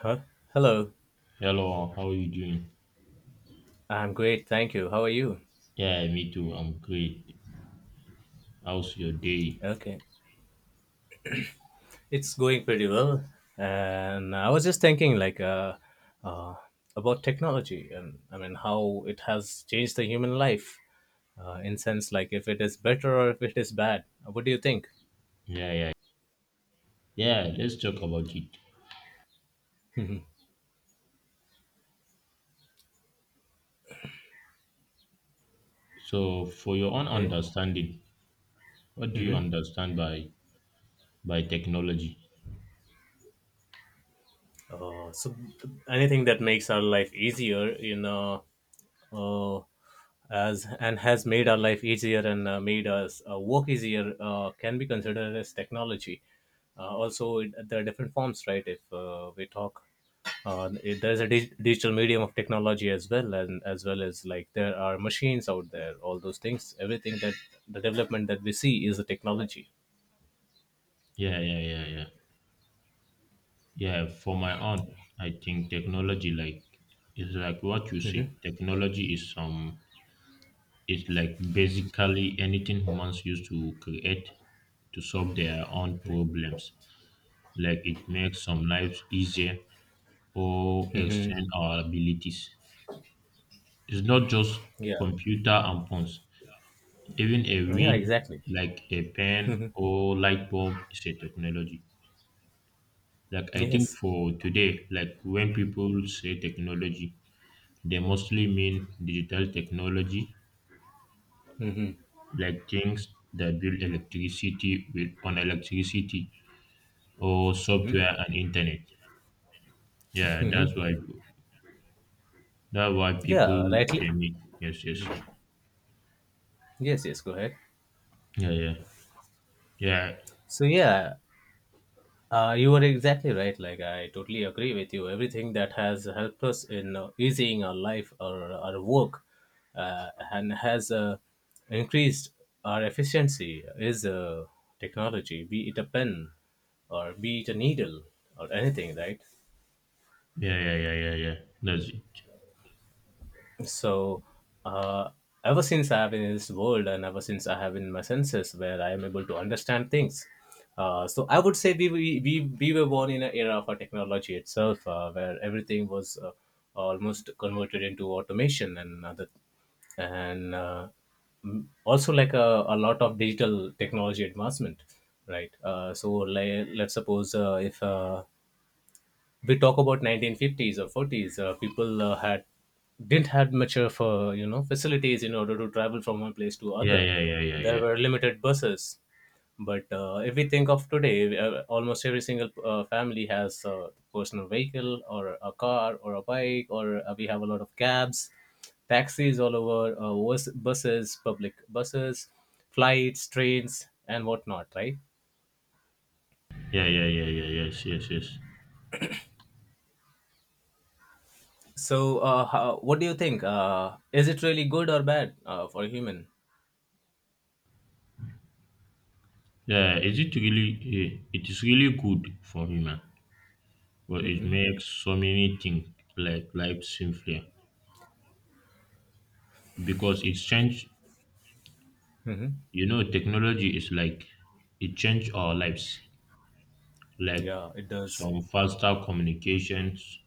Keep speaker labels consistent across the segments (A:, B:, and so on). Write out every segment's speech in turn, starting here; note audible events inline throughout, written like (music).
A: Huh? Hello.
B: Hello, how are you doing?
A: I'm great, thank you. How are you?
B: Yeah, me too. I'm great. How's your day?
A: Okay. It's going pretty well. And I was just thinking about technology, and I mean how it has changed the human life in sense, like if it is better or if it is bad. What do you think?
B: Yeah, yeah. Yeah, let's talk about it.
A: Mhm.
B: So, for your own
A: Okay.
B: understanding, what do you
A: Mm-hmm.
B: understand by technology?
A: So anything that makes our life easier, uh, as and has made our life easier, and made us work easier can be considered as technology. Also, there are different forms, right? If we talk, there's a digital medium of technology as well, and as well as like there are machines out there, all those things. Everything that the development that we see is a technology.
B: Yeah, yeah, yeah, yeah. Yeah, for my own, I think technology is like what you say.
A: Hmm.
B: Technology is like basically anything humans use to create to solve their own problems. Like it makes some lives easier or
A: Hmm.
B: extend our abilities. It's not just
A: Yeah.
B: computer and phones. Even a
A: Yeah.
B: wheel
A: Exactly.
B: like a pen or light bulb is a technology. Like I think
A: Yes.
B: for today, like when people say technology, they mostly mean digital technology, like things that build electricity with on electricity or software and internet. Yeah, that's why people
A: Yeah. Rightly.
B: they mean. Yes, yes.
A: Yes. Yes. Go ahead.
B: Yeah, yeah. Yeah,
A: So yeah, you are exactly right. Like I totally agree with you. Everything that has helped us in easing our life or our work, and has increased our efficiency is technology. Be it a pen, or be it a needle, or anything, right?
B: yeah, yeah, yeah, yeah, yeah. That's it.
A: So, uh, Ever since I have been in this world, and ever since I have been in my senses where I am able to understand things, so I would say we were born in an era for technology itself, where everything was almost converted into automation and other, and uh, also like a lot of digital technology advancement, right? Let's suppose if we talk about 1950s or 40s, people had didn't have much of facilities in order to travel from one place to
B: Yeah,
A: other.
B: yeah, yeah,
A: There
B: yeah,
A: were limited buses, but if we think of today, almost every single family has a personal vehicle, or a car, or a bike, or we have a lot of cabs, taxis all over, buses, public buses, flights, trains, and whatnot, right?
B: yeah, yeah, yeah, yeah, yeah. Yes, yes, yes.
A: So, what do you think? Is it really good or bad for a human?
B: Yeah, is it really? It is really good for me, man. But it
A: Hmm.
B: makes so many things like life simpler because it's changed.
A: Hmm.
B: You know, technology is like it changed our lives, like
A: Yeah, it does. (laughs)
B: some faster communications.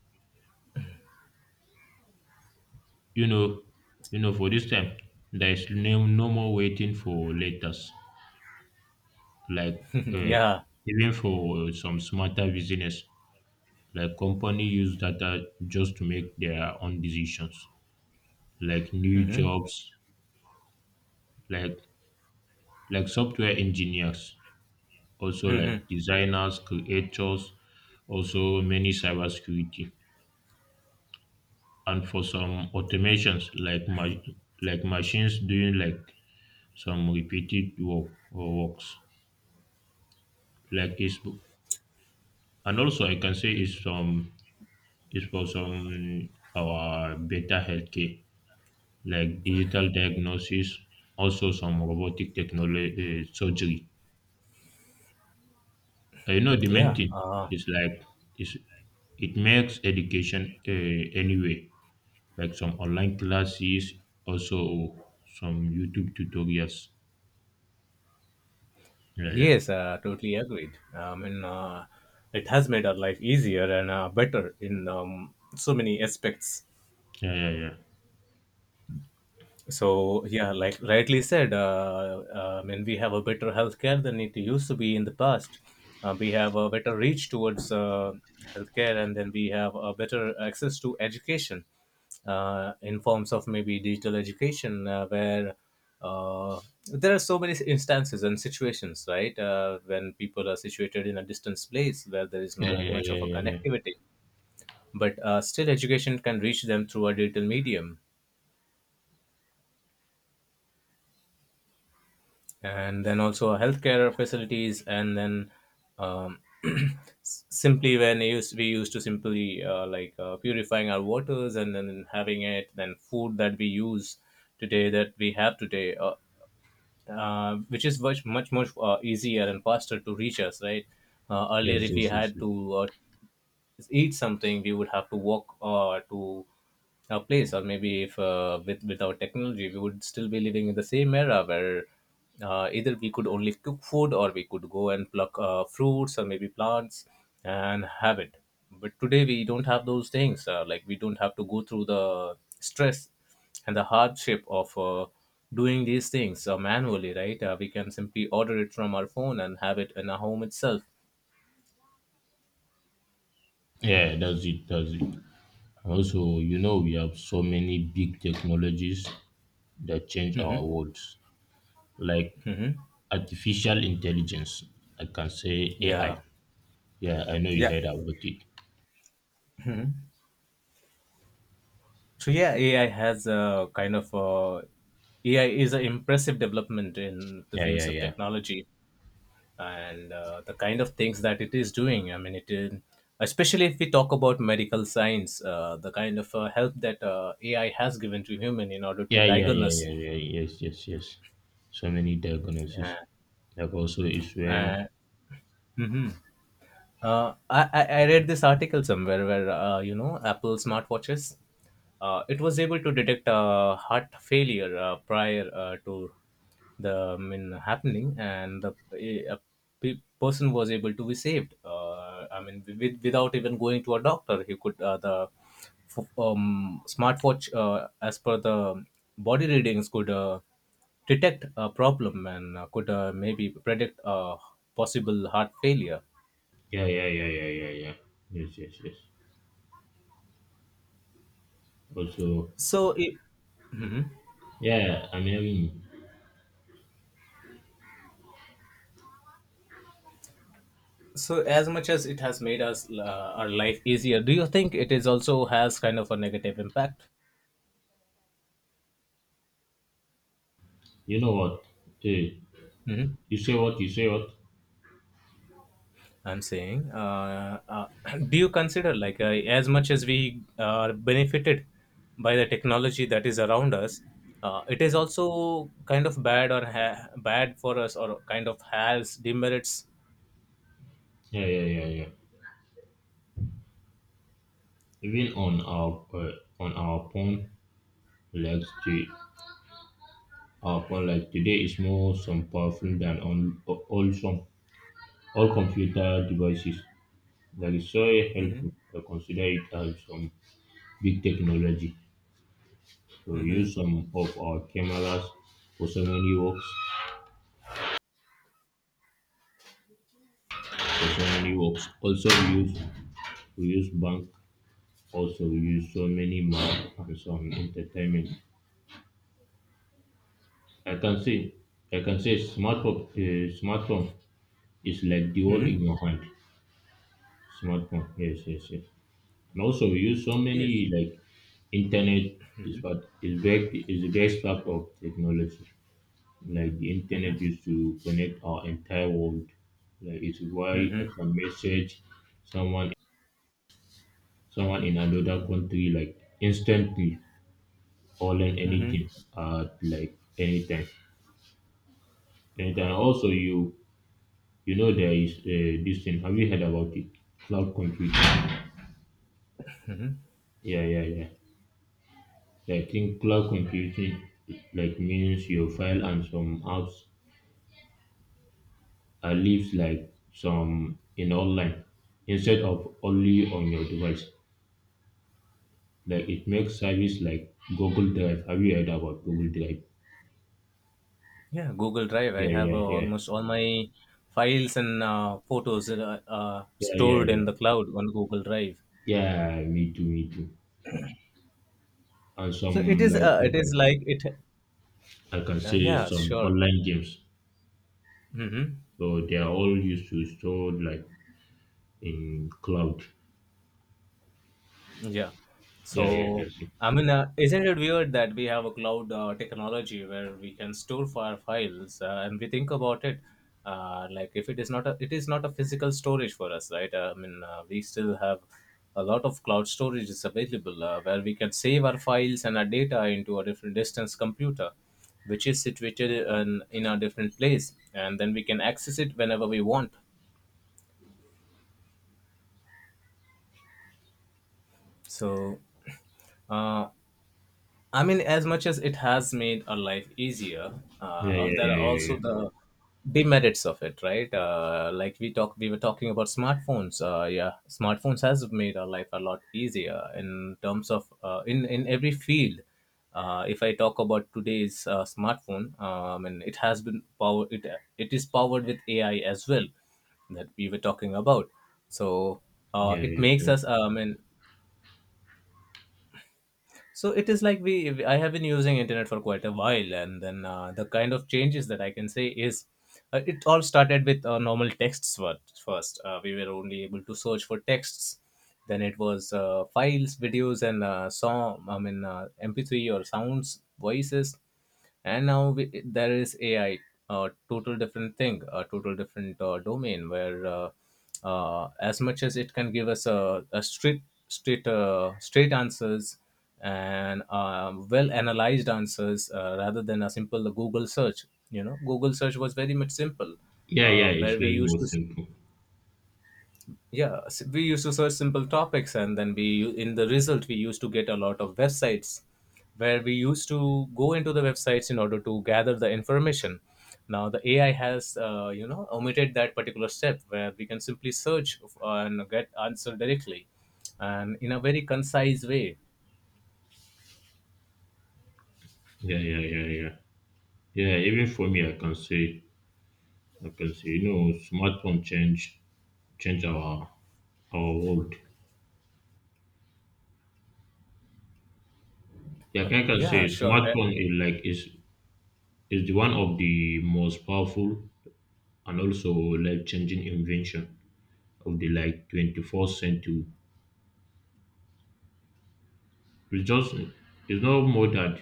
B: You know, you know. For this time, there is no more waiting for letters. Like
A: (clears throat)
B: uh,
A: Yeah.
B: even for some smarter business like company use data just to make their own decisions, like new
A: Hmm.
B: jobs, like like software engineers, also
A: Hmm.
B: like designers, creators, also many cybersecurity, and for some automations like like machines doing like some repeated work or works. Like it's, and also I can say it's some is for some our better healthcare, like digital diagnosis, also some robotic technology surgery. You know the main
A: Yeah.
B: thing is like is it makes education anyway, like some online classes, also some YouTube tutorials. Yeah, yeah,
A: Yes, totally agreed. I mean, it has made our life easier and better in so many aspects.
B: yeah, yeah, yeah,
A: So yeah, like rightly said, I mean we have a better healthcare than it used to be in the past. We have a better reach towards healthcare, and then we have a better access to education in forms of maybe digital education, where uh, there are so many instances and situations, right? When people are situated in a distance place where there is not
B: yeah, yeah,
A: much
B: yeah,
A: of a
B: yeah. Yeah.
A: connectivity, but still education can reach them through a digital medium, and then also healthcare facilities, and then (clears throat) s- simply when it used, we used to simply purifying our waters, and then having it, then food that we use today that we have today which is much, easier and faster to reach us, right? Earlier,
B: Yes,
A: if we
B: yes, yes,
A: had
B: yes.
A: to eat something, we would have to walk to a place. Or maybe if without technology, we would still be living in the same era where either we could only cook food, or we could go and pluck fruits, or maybe plants, and have it. But today, we don't have those things. Like, we don't have to go through the stress and the hardship of doing these things manually, right? We can simply order it from our phone and have it in our home itself.
B: Yeah, that's it. That's it. Also, you know, we have so many big technologies that change our
A: Hmm.
B: worlds. Like
A: Hmm.
B: artificial intelligence. I can say AI.
A: Yeah.
B: Yeah, I know you
A: Yeah.
B: heard about it.
A: So yeah, AI has a kind of AI is an impressive development in the
B: Yeah,
A: fields
B: yeah,
A: of
B: yeah.
A: technology, and the kind of things that it is doing. I mean, it is, especially if we talk about medical science, the kind of help that AI has given to human in order to
B: Yeah, yeah, yeah,
A: diagnose.
B: yeah, yeah. Yes, yes, yes. So many
A: Uh,
B: diagnoses. Like also is when
A: uh, mhm. I read this article somewhere where Apple smartwatches, it was able to detect heart failure prior to the I mean, happening, and the a person was able to be saved. I mean, without even going to a doctor, he could the f- smartwatch, as per the body readings, could detect a problem, and could maybe predict a possible heart failure.
B: yeah, yeah, yeah, yeah, yeah, yeah. Yes, yes, yes. Also,
A: so it,
B: yeah, I mean,
A: so, as much as it has made us our life easier, do you think it is also has kind of a negative impact?
B: you know what? Hey,
A: Hmm.
B: you say what? You say what?
A: I'm saying, (clears throat) do you consider as much as we are benefited by the technology that is around us, it is also kind of bad, or bad for us, or kind of has demerits?
B: Yeah, yeah, yeah, yeah. Even on our phone, like to our phone, like today is more some powerful than on wholesome all computer devices. That is so helpful.
A: Hmm.
B: I consider it as some big technology. So we
A: Hmm.
B: use some of our cameras for so many works. For so many works. Also we use bank. Also we use so many map and some entertainment. I can say smartphone is like the world in
A: Hmm.
B: your hand. Smartphone, yes, yes, yes. And also we use so many
A: Yes.
B: like internet is what is big is the best part of technology. Like the
A: Hmm.
B: internet used to connect our entire world. Like it's why I
A: Hmm.
B: can message someone in another country like instantly or learn
A: Hmm.
B: anything at like anytime. Anytime. Also you know there is this thing. Have you heard about it? Cloud computing. Yeah, yeah, yeah. I think cloud computing like means your file and some apps are lives like some in online instead of only on your device. Like it makes service like Google Drive. Have you heard about Google Drive?
A: Yeah, Google Drive. I
B: Yeah,
A: have
B: yeah, yeah,
A: almost all my files and photos
B: yeah, yeah,
A: stored
B: yeah.
A: in the cloud on Google Drive.
B: Yeah, me too, me too. And
A: So it
B: some
A: is.
B: like
A: It
B: I
A: is
B: can say,
A: like it. Yeah,
B: some
A: sure.
B: online games.
A: Mm-hmm.
B: So they are all used to store like in cloud.
A: Yeah.
B: Yeah, yeah,
A: So,
B: that's it.
A: I mean, isn't it weird that we have a cloud technology where we can store our files, and we think about it, like if it is not a, it is not a physical storage for us, right? We still have a lot of cloud storage is available where we can save our files and our data into a different distance computer, which is situated in a different place, and then we can access it whenever we want. So, uh, I mean, as much as it has made our life easier,
B: Yeah, yeah,
A: there are
B: yeah,
A: also
B: yeah,
A: the demerits of it, right? We were talking about smartphones. Yeah, smartphones has made our life a lot easier in terms of in every field. If I talk about today's smartphone, and it has been powered, it is powered with AI as well, that we were talking about. So
B: yeah, yeah,
A: it
B: yeah.
A: makes
B: That's
A: us,
B: it.
A: and so it is like we. I have been using internet for quite a while, and then the kind of changes that I can say is, it all started with normal texts first. We were only able to search for texts. Then it was files, videos, and song. I mean, MP3 or sounds, voices. And now we, there is AI, a total different thing, a total different domain, where as much as it can give us a straight answers and well analyzed answers, rather than a simple Google search. You know, Google search was very much simple,
B: Yeah, yeah, it's
A: where we
B: very
A: used
B: more
A: to
B: simple.
A: we used to search simple topics, and then we, in the result, we used to get a lot of websites, where we used to go into the websites in order to gather the information. Now the AI has, omitted that particular step, where we can simply search and get answer directly, and in a very concise way.
B: Yeah, yeah, yeah, yeah. Yeah, even for me, I can say, you know, smartphone change change our our world. Yeah, I can
A: Yeah,
B: say
A: sure. Uh,
B: smartphone is like is the one of the most powerful and also life changing invention of the like 21st century. It's just it's not more that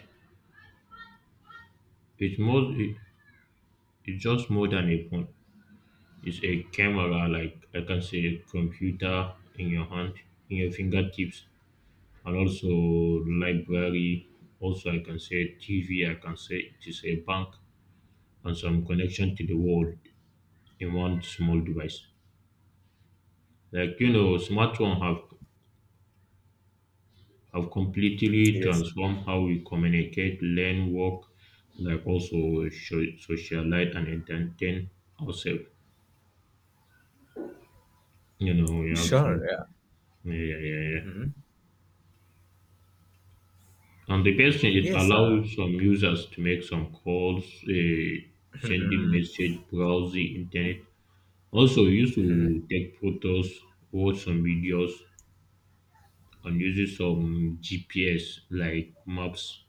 B: it's more it's just more than a phone. It's a camera like I can say a computer in your hand, in your fingertips, and also library. Also I can say TV, I can say it is a bank and some connection to the world in one small device. Like you know, smartphone have completely
A: yes.
B: transformed how we communicate, learn, work, like also socialize and entertain ourselves. You know, we have
A: Sure,
B: some
A: yeah.
B: yeah, yeah, yeah. Yeah.
A: Mhm.
B: And the best thing, it
A: Yes,
B: allows some users to make some calls,
A: (laughs)
B: sending
A: mm-hmm.
B: message, browse the internet. Also, we used to take photos, watch some videos, and use some GPS like maps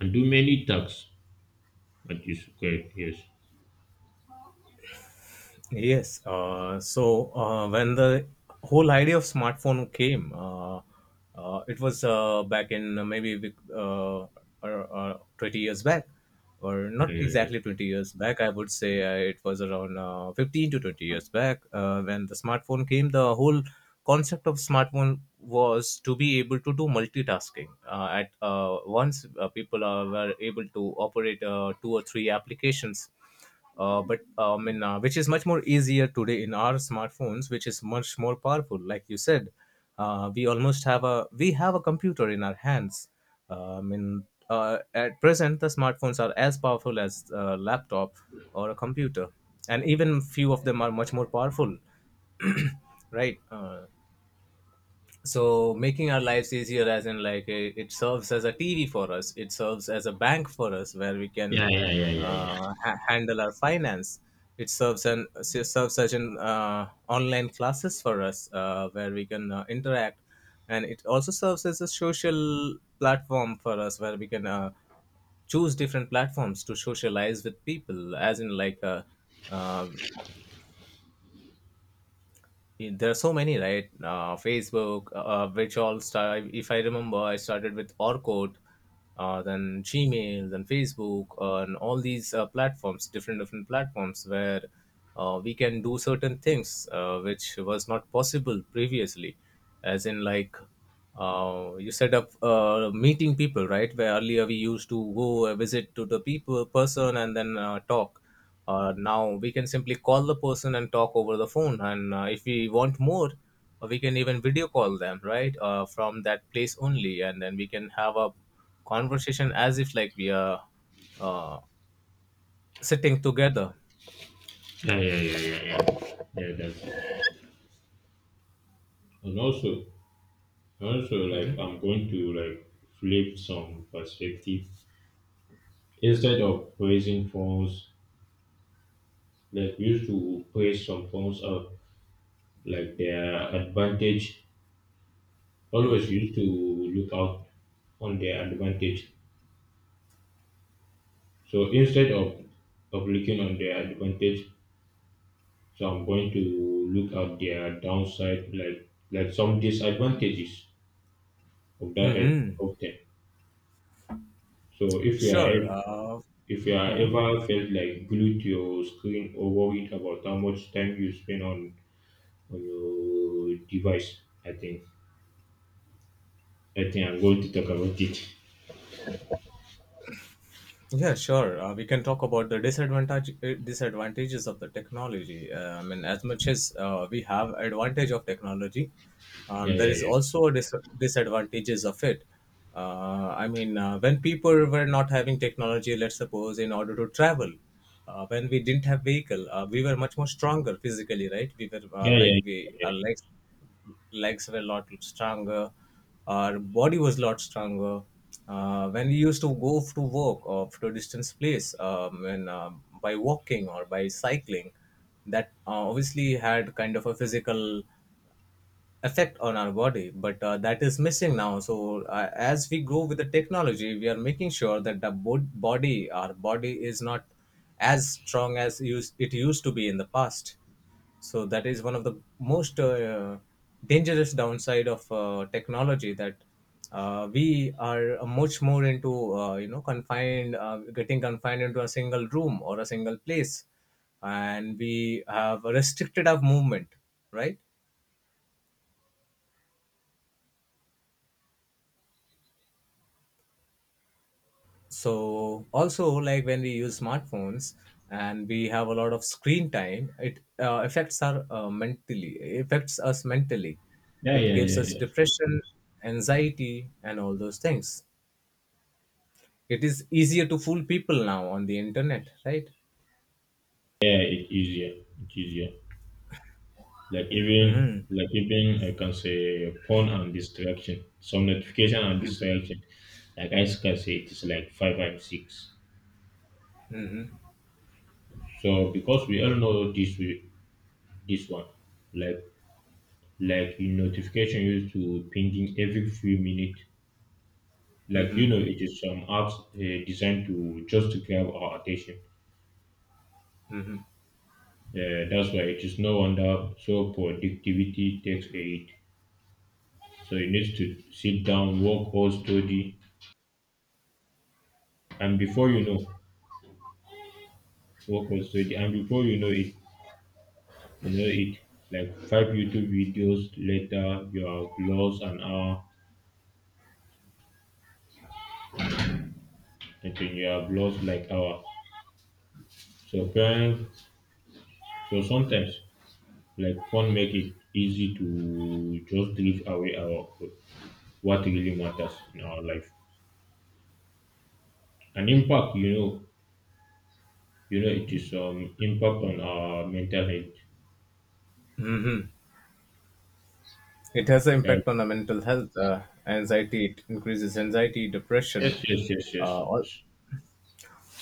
B: and do many tasks. That is correct. Yes.
A: Yes. When the whole idea of smartphone came, it was back in 20 years back, or not
B: Yeah, yeah,
A: exactly 20 years back. I would say it was around 15 to 20 years back, when the smartphone came. The whole concept of smartphone was to be able to do multitasking. At once, were able to operate two or three applications, but I mean, which is much more easier today in our smartphones, which is much more powerful. Like you said, we have a computer in our hands. I mean, at present, the smartphones are as powerful as a laptop or a computer, and even few of them are much more powerful, right? So making our lives easier, as in like it serves as a tv for us, it serves as a bank for us where we can
B: yeah, yeah, yeah, yeah, yeah,
A: handle our finance, it serves as an online classes for us where we can interact, and it also serves as a social platform for us where we can choose different platforms to socialize with people, as in like uh, there are so many, right? Facebook, which all start, if I remember, I started with Orkut, then Gmail, then Facebook, and all these platforms, different different platforms where we can do certain things which was not possible previously, as in like you set up meeting people, right? Where earlier we used to go visit to the people person and then talk. Now we can simply call the person and talk over the phone. And if we want more, we can even video call them, right? From that place only. And then we can have a conversation as if like we are uh, sitting together.
B: yeah, yeah, yeah, yeah, yeah. Yeah. Yeah, that's and also, also
A: hmm
B: like I'm going to like flip some perspective. Instead of praising phones, like we used to praise some phones of like their advantage. Always
A: hmm
B: used to look out on their advantage. So instead of looking on their advantage, so I'm going to look at their downside, like some disadvantages of that
A: hmm.
B: of them. So
A: Sure.
B: if you are
A: Mhm.
B: ever felt like glued to your screen or worried about how much time you spend on your device, I think I'm going to talk about it.
A: Yeah, sure. We can talk about the disadvantages of the technology. I mean, as much as we have advantage of technology,
B: Yeah,
A: there
B: yeah,
A: is
B: yeah,
A: also a disadvantages of it. I mean, when people were not having technology, let's suppose in order to travel, when we didn't have vehicle, we were much more stronger physically, right? We were
B: yeah,
A: like
B: yeah,
A: we
B: yeah,
A: our legs were a lot stronger, our body was a lot stronger, when we used to go to work or to a distance place, and, by walking or by cycling, that obviously had kind of a physical effect on our body, but that is missing now. So as we grow with the technology, we are making sure that the bod- body our body is not as strong as it used to be in the past. So that is one of the most dangerous downside of technology, that we are much more into, you know, confined, getting confined into a single room or a single place, and we have restricted our movement, right? So also, like, when we use smartphones and we have a lot of screen time, it affects us mentally,
B: yeah,
A: it
B: yeah,
A: gives
B: yeah.
A: us
B: Yeah.
A: depression, anxiety, and all those things. It is easier to fool people now on the internet, right?
B: Yeah, it's easier. It's easier. Like even I can say porn and distraction, some notification and distraction. Like I can say it is like five and six.
A: Hmm.
B: So because we all know this one, like like you notification used to pinging every few minutes. Like you know, it is some apps designed to just to grab our attention. That's why it is no wonder so productivity takes aid. So you need to sit down, work or study, and before you know, work or study, and before you know it, you know it. Like five YouTube videos later, you have lost an hour, and then you have lost like hour. So parents, so sometimes like phone make it easy to just drift away our what really matters in our life. And impact, you know, it is impact on our mental health.
A: It has an
B: Like,
A: impact on our mental health, anxiety. It increases anxiety, depression.
B: yes, yes, yes,
A: Uh, al-
B: yes.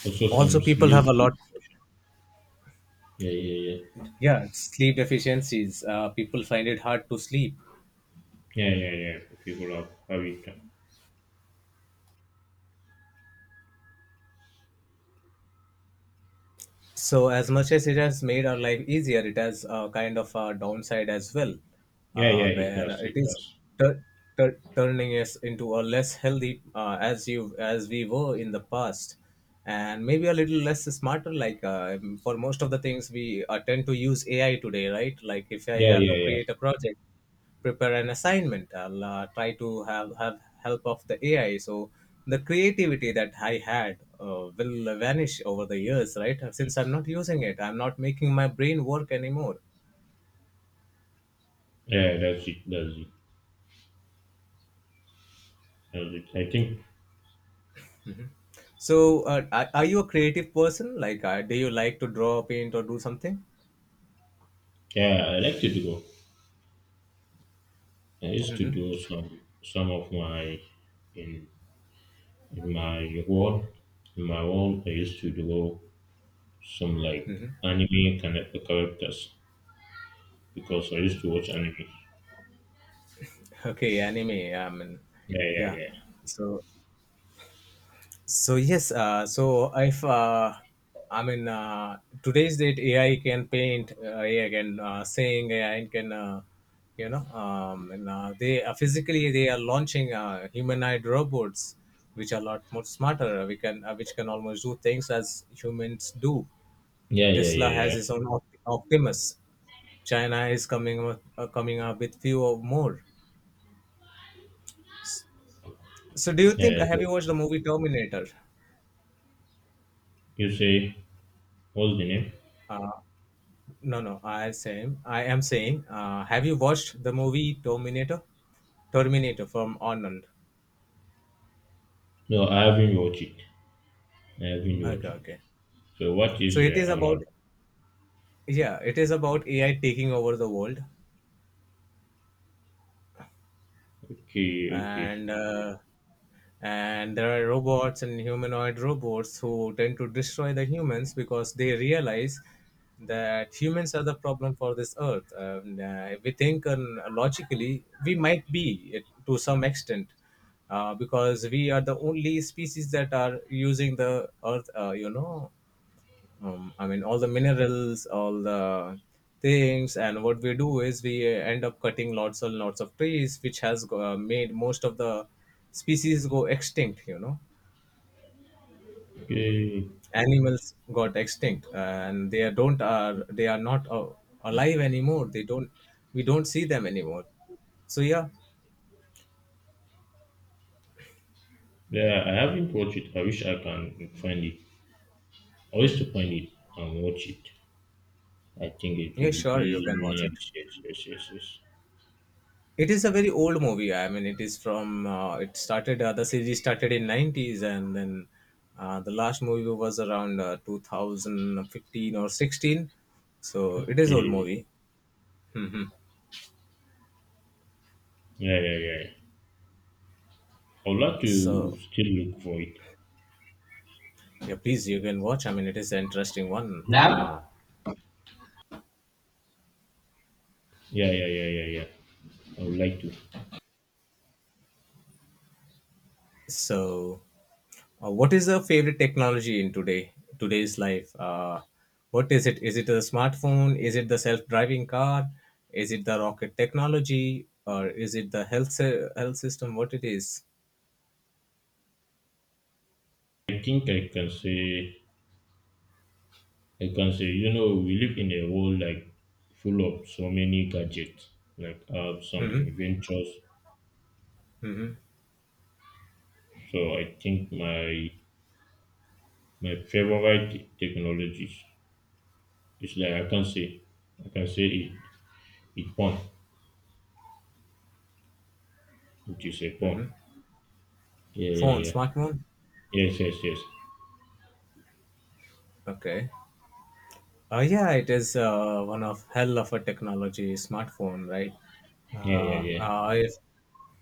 B: Also
A: Also,
B: some
A: people have a
B: sleep
A: lot.
B: disorders. Yeah, yeah, yeah.
A: Yeah, sleep deficiencies. People find it hard to sleep.
B: Yeah, yeah, yeah. People have, it.
A: So, as much as it has made our life easier, it has a kind of a downside as well,
B: Yeah, yeah, it
A: where
B: does,
A: it
B: it
A: is
B: does.
A: tur turning us into a less healthy as we were in the past, and maybe a little less smarter. Like for most of the things, we tend to use AI today, right? Like if I
B: Yeah,
A: have
B: yeah,
A: to
B: yeah.
A: create a project, prepare an assignment, I'll try to have help of the AI. So the creativity that I had will vanish over the years, right? Since I'm not using it, I'm not making my brain work anymore.
B: Yeah, that's it, that's it. That's it. I think
A: So are you a creative person? Like do you like to draw, paint, or do something?
B: yeah, I like to do. I used to
A: hmm
B: do some of my in In my world, in my world, I used to draw some like
A: hmm
B: anime kind of characters because I used to watch anime.
A: (laughs) okay anime. I mean,
B: Yeah, yeah,
A: yeah.
B: yeah,
A: So, so yes, so if I mean today's date, AI can paint, AI can sing, AI can you know, and they are physically, they are launching humanoid robots, which are a lot more smarter. We can Which can almost do things as humans do.
B: yeah, yeah,
A: Tesla has
B: yeah,
A: its own Optimus. China is coming up with few or more. So do you think,
B: yeah. Yeah,
A: have you
B: so
A: watched the movie Terminator?
B: you say what's the name?
A: Uh, No, no. I same. I am saying. Have you watched the movie Terminator? Terminator from Arnold.
B: No, I haven't watched it. I haven't
A: Okay,
B: watched it.
A: okay.
B: So what is
A: So it is
B: the
A: about,
B: alarm?
A: yeah, it is about AI taking over the world.
B: Okay, okay,
A: And and there are robots and humanoid robots who tend to destroy the humans because they realize that humans are the problem for this earth. And if we think, and logically we might be, it, to some extent, because we are the only species that are using the earth, you know, I mean, all the minerals, all the things. And what we do is we end up cutting lots and lots of trees, which has made most of the species go extinct, you know.
B: okay.
A: Animals got extinct and they are- don't are they are not alive anymore. They don't We don't see them anymore. So yeah.
B: Yeah, I haven't watched it. I wish I can find it. I wish to
A: Mhm.
B: find it and watch it. I think it
A: Yeah,
B: will
A: sure, you
B: be
A: can watch it.
B: nice. Yes, yes, yes, yes.
A: It is a very old movie. I mean, it is from it started, the series started in 90s, and then the last movie was around 2015 or 16. So it is old
B: Okay.
A: movie. (laughs) Hmm.
B: Yeah, yeah, yeah. I would like to
A: So
B: still look for it.
A: yeah, please, you can watch. I mean, it is an interesting one. Uh,
B: Now, yeah, yeah, yeah, yeah, yeah. I would like to.
A: So, uh, what is your favorite technology in today's life? What is it? Is it a smartphone? Is it the self-driving car? Is it the rocket technology? Or is it the health health system? What it is?
B: I think I can say, you know, we live in a world like full of so many gadgets, like apps, some
A: Mm-hmm.
B: inventions.
A: Mm-hmm.
B: So I think my favorite technologies is like I can say, I can say it, it porn, which is a porn. Yeah, yeah,
A: Phone,
B: yeah.
A: smartphone.
B: Yes, yes, yes.
A: Okay. Yeah, it is one of hell of a technology, smartphone, right?
B: Yeah, yeah, yeah.
A: If,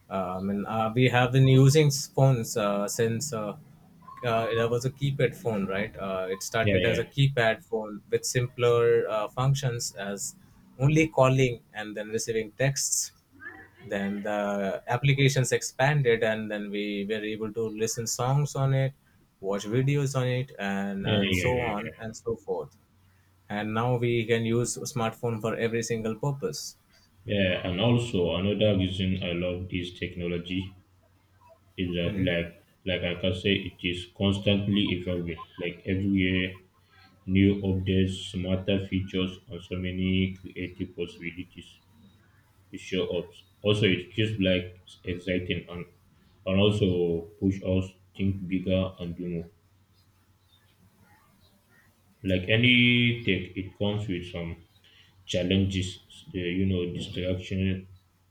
A: I mean, we have been using phones since there was a keypad phone, right? It
B: Yeah,
A: started as a
B: yeah.
A: keypad phone with simpler functions as only calling and then receiving texts. Then the applications expanded, and then we were able to listen songs on it, watch videos on it,
B: Yeah,
A: and
B: yeah,
A: so
B: yeah,
A: on
B: yeah.
A: and so forth. And now we can use smartphone for every single purpose.
B: Yeah, and also another reason I love this technology is that
A: Mhm.
B: like I can say it is constantly evolving. Like every year, new updates, smarter features, and so many creative possibilities to show up. Also, it keeps like exciting and also push us think bigger and do more. Like any tech, it comes with some challenges. The, you know, distraction,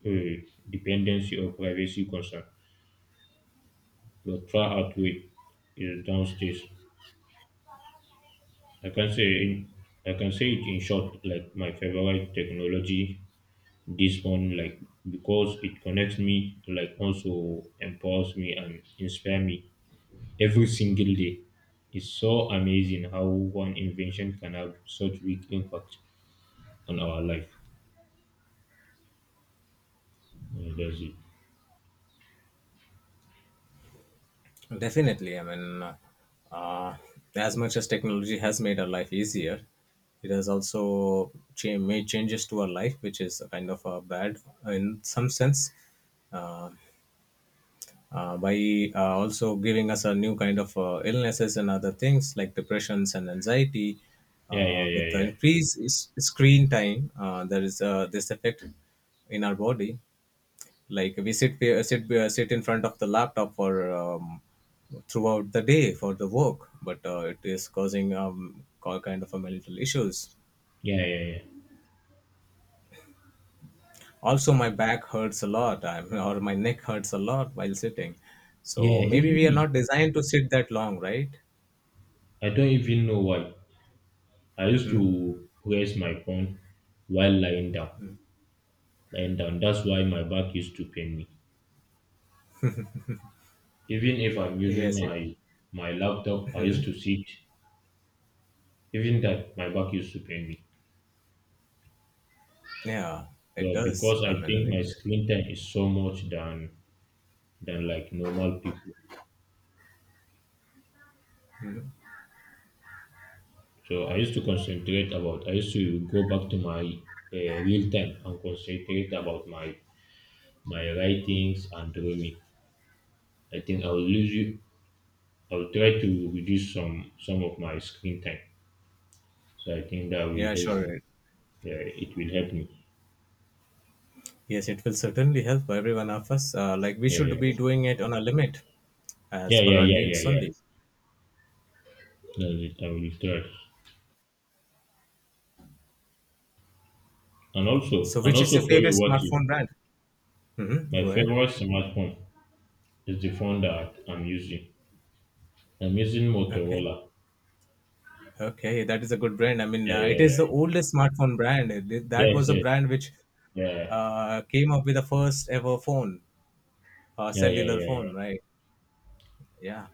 B: dependency, or privacy concern. Your tryout week is downstairs. I can say in I can say it in short, like my favorite technology this one like because it connects me, like also empowers me and inspire me every single day. It's so amazing how one invention can have such big impact on our life. Yeah, that's it.
A: Definitely. I mean uh, uh, as much as technology has made our life easier, it has also made changes to our life which is kind of bad in some sense, uh, by also giving us a new kind of illnesses and other things, like depressions and anxiety,
B: Yeah, yeah,
A: with
B: yeah,
A: the
B: yeah.
A: increased screen time. There is this effect in our body. Like we sit in front of the laptop for throughout the day for the work, but it is causing all kind of a mental issues.
B: Yeah, yeah, yeah.
A: Also my back hurts a lot, I'm, (laughs) or my neck hurts a lot while sitting. So
B: Yeah,
A: maybe
B: even
A: we are
B: me.
A: not designed to sit that long, right?
B: I don't even know why. I used
A: Hmm?
B: to press my phone while lying down. And that's why my back used to pain me. Even if I'm using
A: Yes,
B: my my laptop, I used to
A: hmm,
B: sit. Even that, my back used to pain me.
A: yeah,
B: So
A: it does
B: because
A: i
B: I
A: mean
B: think my
A: it,
B: screen time is so much than like normal people. So I used to concentrate about. I used to go back to my real time and concentrate about my my writings and drawing. I think I will lose you. I will try to reduce some of my screen time. So I think that will
A: yeah
B: help
A: sure,
B: me. Yeah, it will help me.
A: yes, it will certainly help every one of us. Like we
B: Yeah,
A: should be
B: yeah.
A: doing it on a limit as
B: Yeah,
A: per
B: yeah,
A: our
B: yeah, yeah,
A: needs
B: yeah.
A: only.
B: No, I will try. And also,
A: So, which is your
B: for
A: favorite
B: you, what is
A: smartphone brand? Mm-hmm.
B: my
A: Go ahead.
B: favorite smartphone is the phone that I'm using. I'm using
A: Okay.
B: Motorola.
A: Okay, that is a good brand. I mean,
B: Yeah,
A: it
B: yeah,
A: is the
B: yeah, yeah.
A: oldest smartphone brand. It- That
B: Yes,
A: was a
B: yes,
A: brand which
B: yeah,
A: came up with the first ever phone,
B: yeah, yeah,
A: cellular phone,
B: yeah,
A: right? Yeah.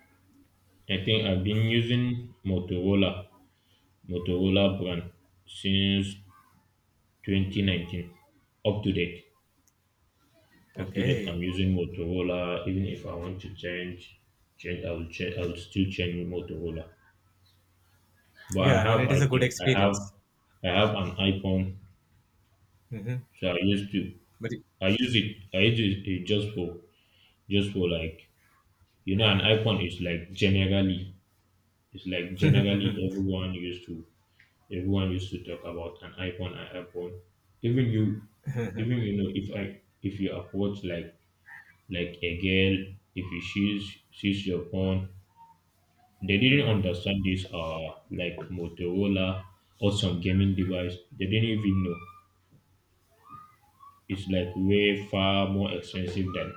B: yeah. I think I've been using Motorola, brand since 2019, up to date, up to date.
A: Okay.
B: I'm using Motorola. Even if I want to change, I will change. I will still change Motorola. But I
A: Yeah, I mean,
B: have,
A: it is a
B: I
A: good
B: think,
A: experience.
B: I have an iPhone,
A: Mm-hmm.
B: so I used to
A: But
B: I use it just for like you know an iPhone is like generally it's like
A: (laughs)
B: generally
A: mm-hmm.
B: everyone used to talk about an iPhone an iPhone. Even you, know, if I if you approach like a girl, if you sees your phone, they didn't understand this like Motorola or some gaming device. They didn't even know. It's like way far more expensive than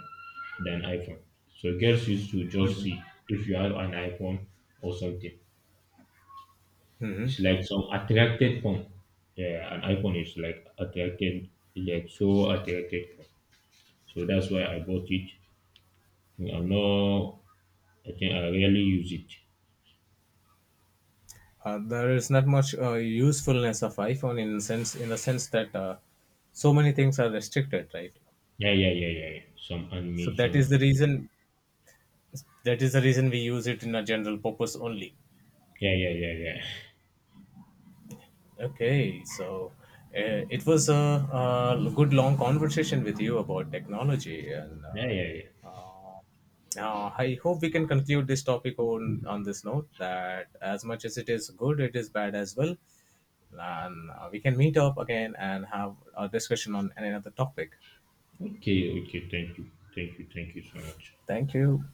B: iPhone. So girls used to just
A: Hmm.
B: see if you have an iPhone or something.
A: Hmm.
B: It's
A: (laughs)
B: like some attracted phone. Yeah, an iPhone is like attracted, is like so attracted phone. So that's why I bought it. I'm not. I think I rarely use it.
A: There is not much usefulness of iPhone in sense in the sense that so many things are restricted, right?
B: Yeah, yeah, yeah, yeah. Yeah. Some
A: So that is
B: animation
A: the
B: is like-
A: reason that is the reason we use it in a general purpose only.
B: Yeah, yeah, yeah, yeah. (laughs)
A: Okay, so it was a, good long conversation with you about technology, and
B: Yeah, yeah, yeah.
A: uh, I hope we can conclude this topic on this note that as much as it is good, it is bad as well. And we can meet up again and have a discussion on another topic.
B: Okay, okay. Thank you, thank you, thank you so much.
A: Thank you.